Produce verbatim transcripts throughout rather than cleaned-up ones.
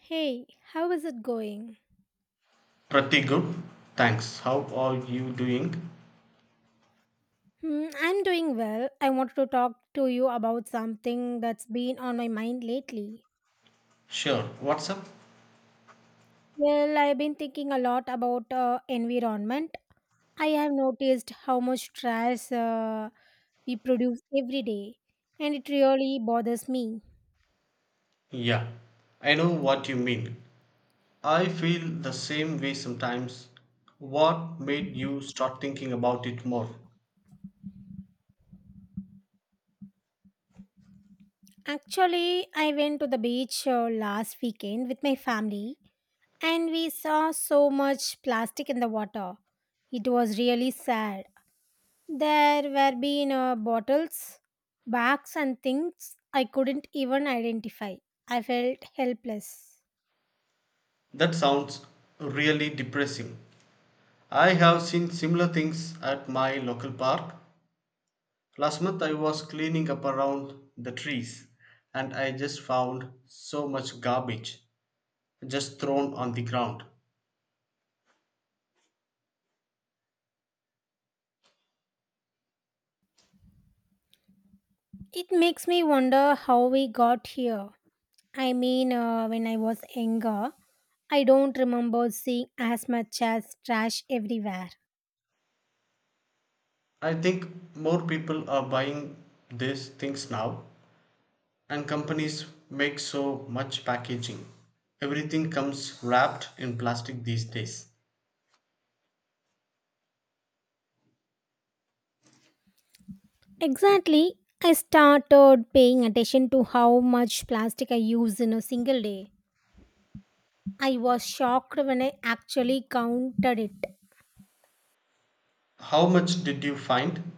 Hey, how is it going? Pretty good. Thanks. How are you doing? Hmm, I'm doing well. I wanted to talk to you about something that's been on my mind lately. Sure. What's up? Well, I've been thinking a lot about uh, environment. I have noticed how much trash uh, we produce every day, and it really bothers me. Yeah. I know what you mean. I feel the same way sometimes. What made you start thinking about it more? Actually, I went to the beach uh, last weekend with my family, and we saw so much plastic in the water. It was really sad. There were been uh, bottles, bags, and things I couldn't even identify. I felt helpless. That sounds really depressing. I have seen similar things at my local park. Last month I was cleaning up around the trees and I just found so much garbage just thrown on the ground. It makes me wonder how we got here. I mean, uh, when I was younger, I don't remember seeing as much as trash everywhere. I think more people are buying these things now and companies make so much packaging. Everything comes wrapped in plastic these days. Exactly. I started paying attention to how much plastic I use in a single day. I was shocked when I actually counted it. How much did you find?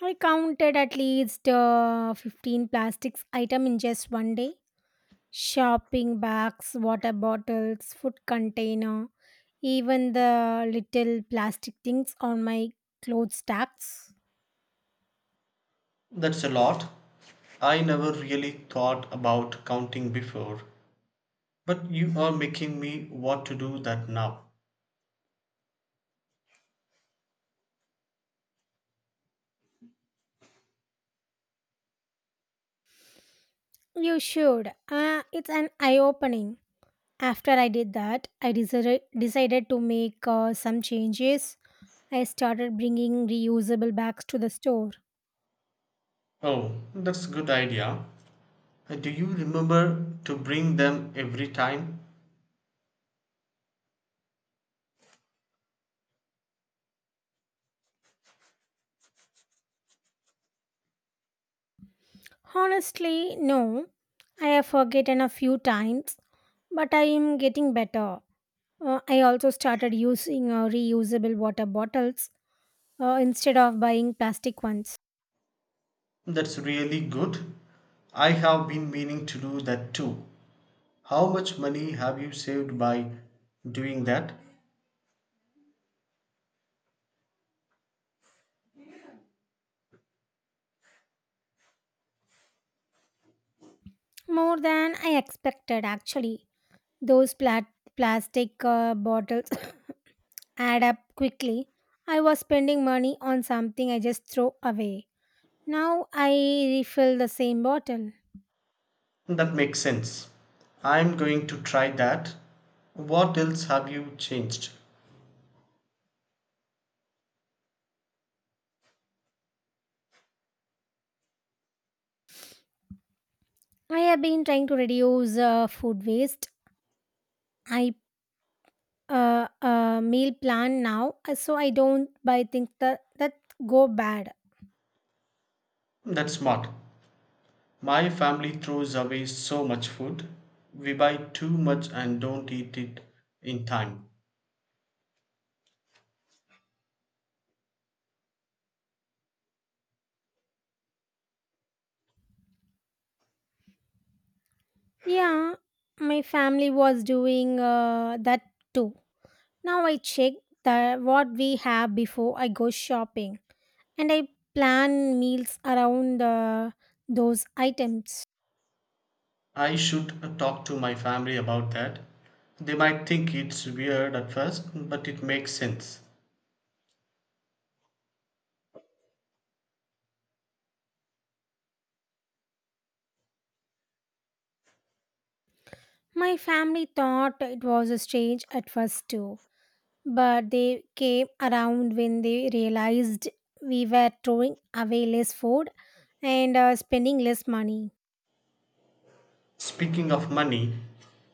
I counted at least uh, fifteen plastics item in just one day. Shopping bags, water bottles, food container, even the little plastic things on my clothes stacks. That's a lot. I never really thought about counting before, but you are making me want to do that now. You should. Uh, it's an eye opening. After I did that, I decided, decided to make uh, some changes. I started bringing reusable bags to the store. Oh, that's a good idea. Uh, Do you remember to bring them every time? Honestly, no. I have forgotten a few times, but I am getting better. Uh, I also started using uh, reusable water bottles uh, instead of buying plastic ones. That's really good. I have been meaning to do that too. How much money have you saved by doing that? More than I expected, actually. Those plat- plastic uh, bottles add up quickly. I was spending money on something I just throw away. Now I refill the same bottle. That makes sense. I'm going to try that. What else have you changed? I have been trying to reduce uh, food waste. I uh, uh, meal plan now uh, so I don't buy things that, that go bad. That's smart. My family throws away so much food. We buy too much and don't eat it in time. Yeah, my family was doing uh, that too. Now I check the, what we have before I go shopping and I plan meals around uh, those items. I should uh, talk to my family about that. They might think it's weird at first, but it makes sense. My family thought it was strange at first too, but they came around when they realized we were throwing away less food and uh, spending less money. Speaking of money,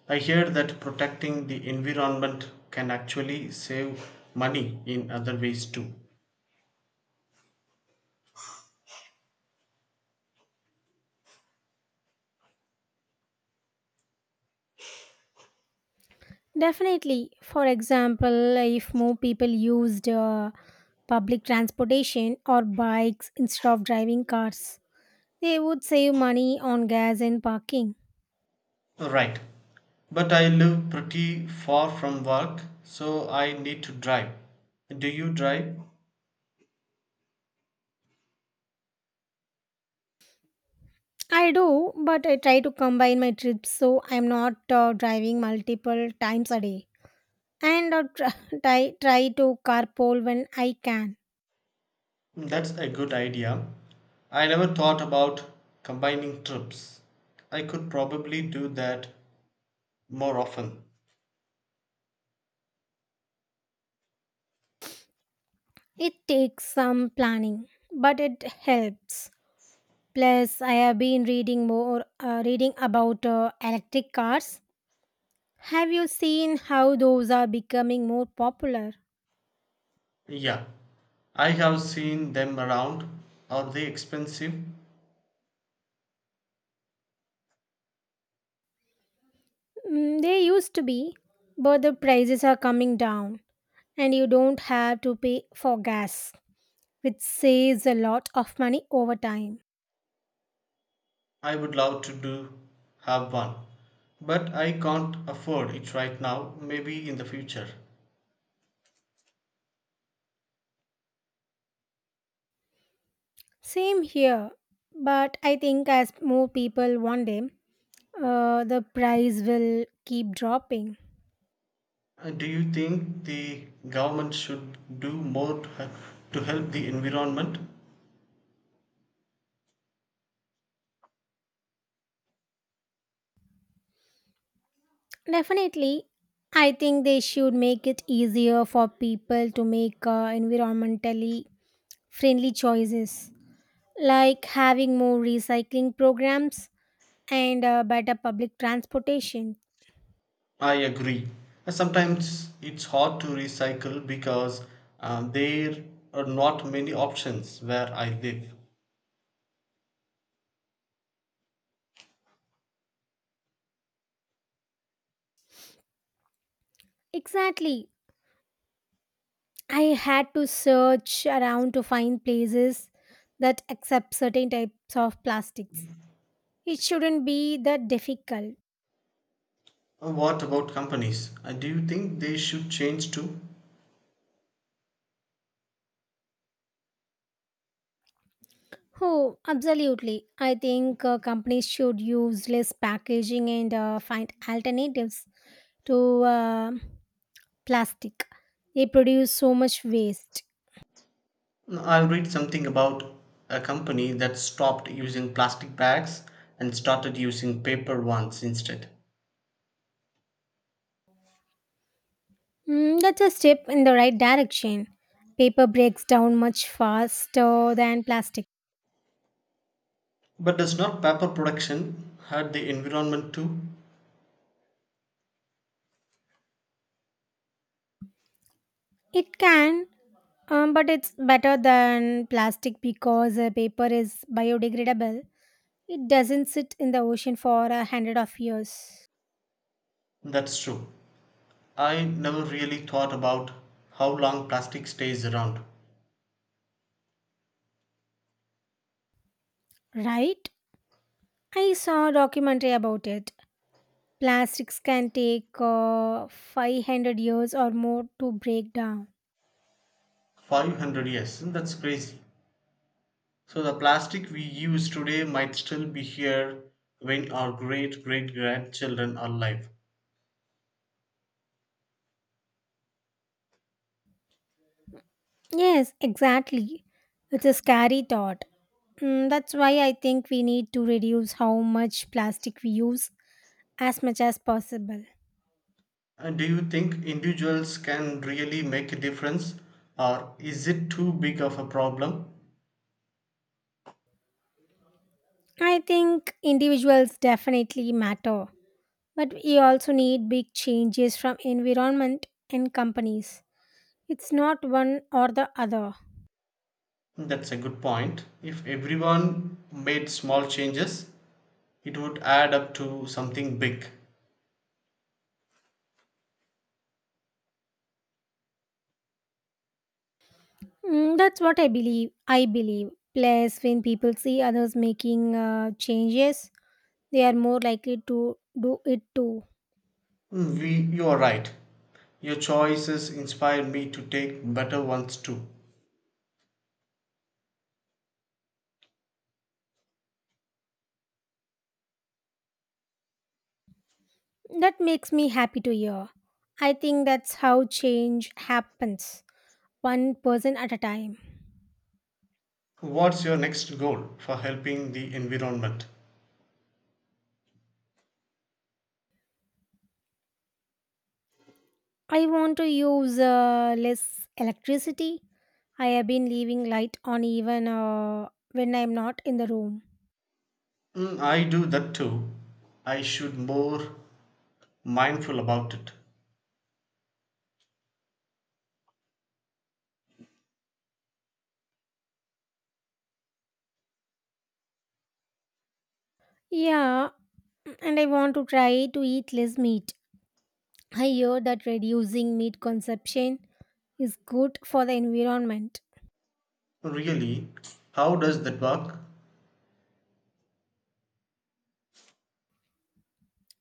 I hear that protecting the environment can actually save money in other ways too. Definitely. For example, if more people used uh, public transportation or bikes instead of driving cars, they would save money on gas and parking. Right. But I live pretty far from work, so I need to drive. Do you drive? I do, but I try to combine my trips so I'm not uh, driving multiple times a day. And I try, try try to carpool when I can. That's a good idea. I never thought about combining trips. I could probably do that more often. It takes some planning, but it helps. Plus, I have been reading more, uh, reading about uh, electric cars. Have you seen how those are becoming more popular? Yeah, I have seen them around. Are they expensive? Mm, they used to be, but the prices are coming down and you don't have to pay for gas, which saves a lot of money over time. I would love to do have one, but I can't afford it right now, maybe in the future. Same here, but I think as more people want them, uh, the price will keep dropping. Uh, Do you think the government should do more to hel- to help the environment? Definitely, I think they should make it easier for people to make uh, environmentally friendly choices. Like having more recycling programs and uh, better public transportation. I agree. Uh, Sometimes it's hard to recycle because um, there are not many options where I live. Exactly. I had to search around to find places that accept certain types of plastics. It shouldn't be that difficult. Uh, What about companies? Uh, Do you think they should change too? Oh, absolutely. I think uh, companies should use less packaging and uh, find alternatives to uh, plastic. They produce so much waste. I'll read something about a company that stopped using plastic bags and started using paper ones instead. Mm, that's a step in the right direction. Paper breaks down much faster than plastic. But does not paper production hurt the environment too? It can, um, but it's better than plastic because uh, paper is biodegradable. It doesn't sit in the ocean for a hundred of years, That's true. I never really thought about how long plastic stays around. right? I saw a documentary about it. Plastics can take uh, five hundred years or more to break down. five hundred years, that's crazy. So the plastic we use today might still be here when our great great grandchildren are alive. Yes, exactly. It's a scary thought. Mm, that's why I think we need to reduce how much plastic we use as much as possible. And do you think individuals can really make a difference or is it too big of a problem? I think individuals definitely matter, but we also need big changes from environment and companies. It's not one or the other. That's a good point. If everyone made small changes, it would add up to something big. Mm, that's what I believe. I believe. Plus, when people see others making uh, changes, they are more likely to do it too. Mm, We, you are right. Your choices inspire me to take better ones too. That makes me happy to hear. I think that's how change happens one person at a time. What's your next goal for helping the environment? I want to use uh, less electricity. I have been leaving light on even uh, when I'm not in the room. Mm, I do that too. I should more mindful about it. Yeah, and I want to try to eat less meat. I hear that reducing meat consumption is good for the environment. Really, how does that work?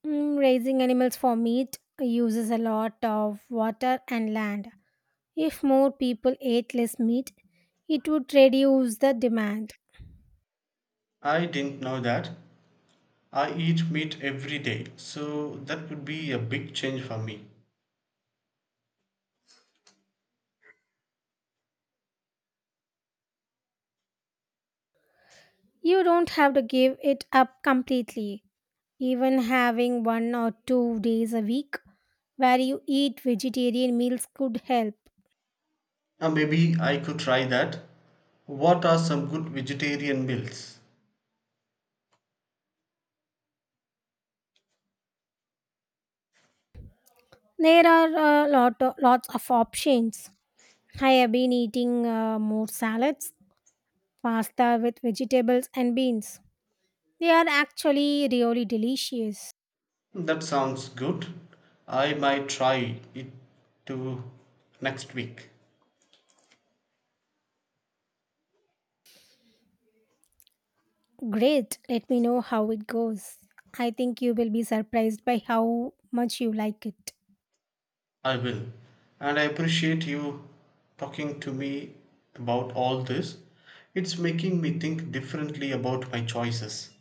Mm, raising animals for meat uses a lot of water and land. If more people ate less meat, it would reduce the demand. I didn't know that. I eat meat every day, so that would be a big change for me. You don't have to give it up completely. Even having one or two days a week where you eat vegetarian meals could help. Uh, maybe I could try that. What are some good vegetarian meals? There are uh, lot of, lots of options. I have been eating uh, more salads, pasta with vegetables and beans. They are actually really delicious. That sounds good. I might try it to next week. Great, let me know how it goes. I think you will be surprised by how much you like it. I will. And I appreciate you talking to me about all this. It's making me think differently about my choices.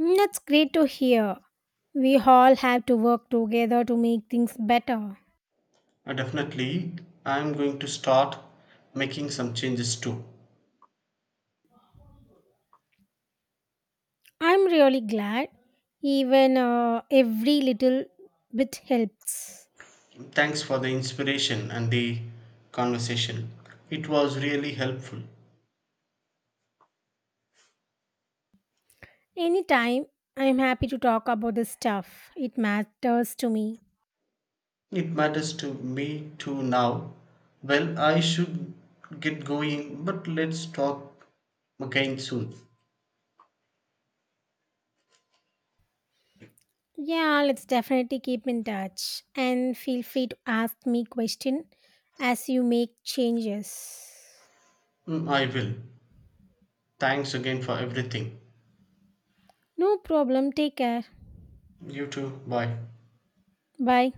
Mm, that's great to hear. We all have to work together to make things better. Uh, definitely, I'm going to start making some changes too. I'm really glad. Even uh, every little bit helps. Thanks for the inspiration and the conversation. It was really helpful. Anytime, I'm happy to talk about this stuff. It matters to me. It matters to me too now. Well, I should get going, but let's talk again soon. Yeah, let's definitely keep in touch and feel free to ask me question as you make changes. Mm, I will. Thanks again for everything. No problem. Take care. You too. Bye. Bye.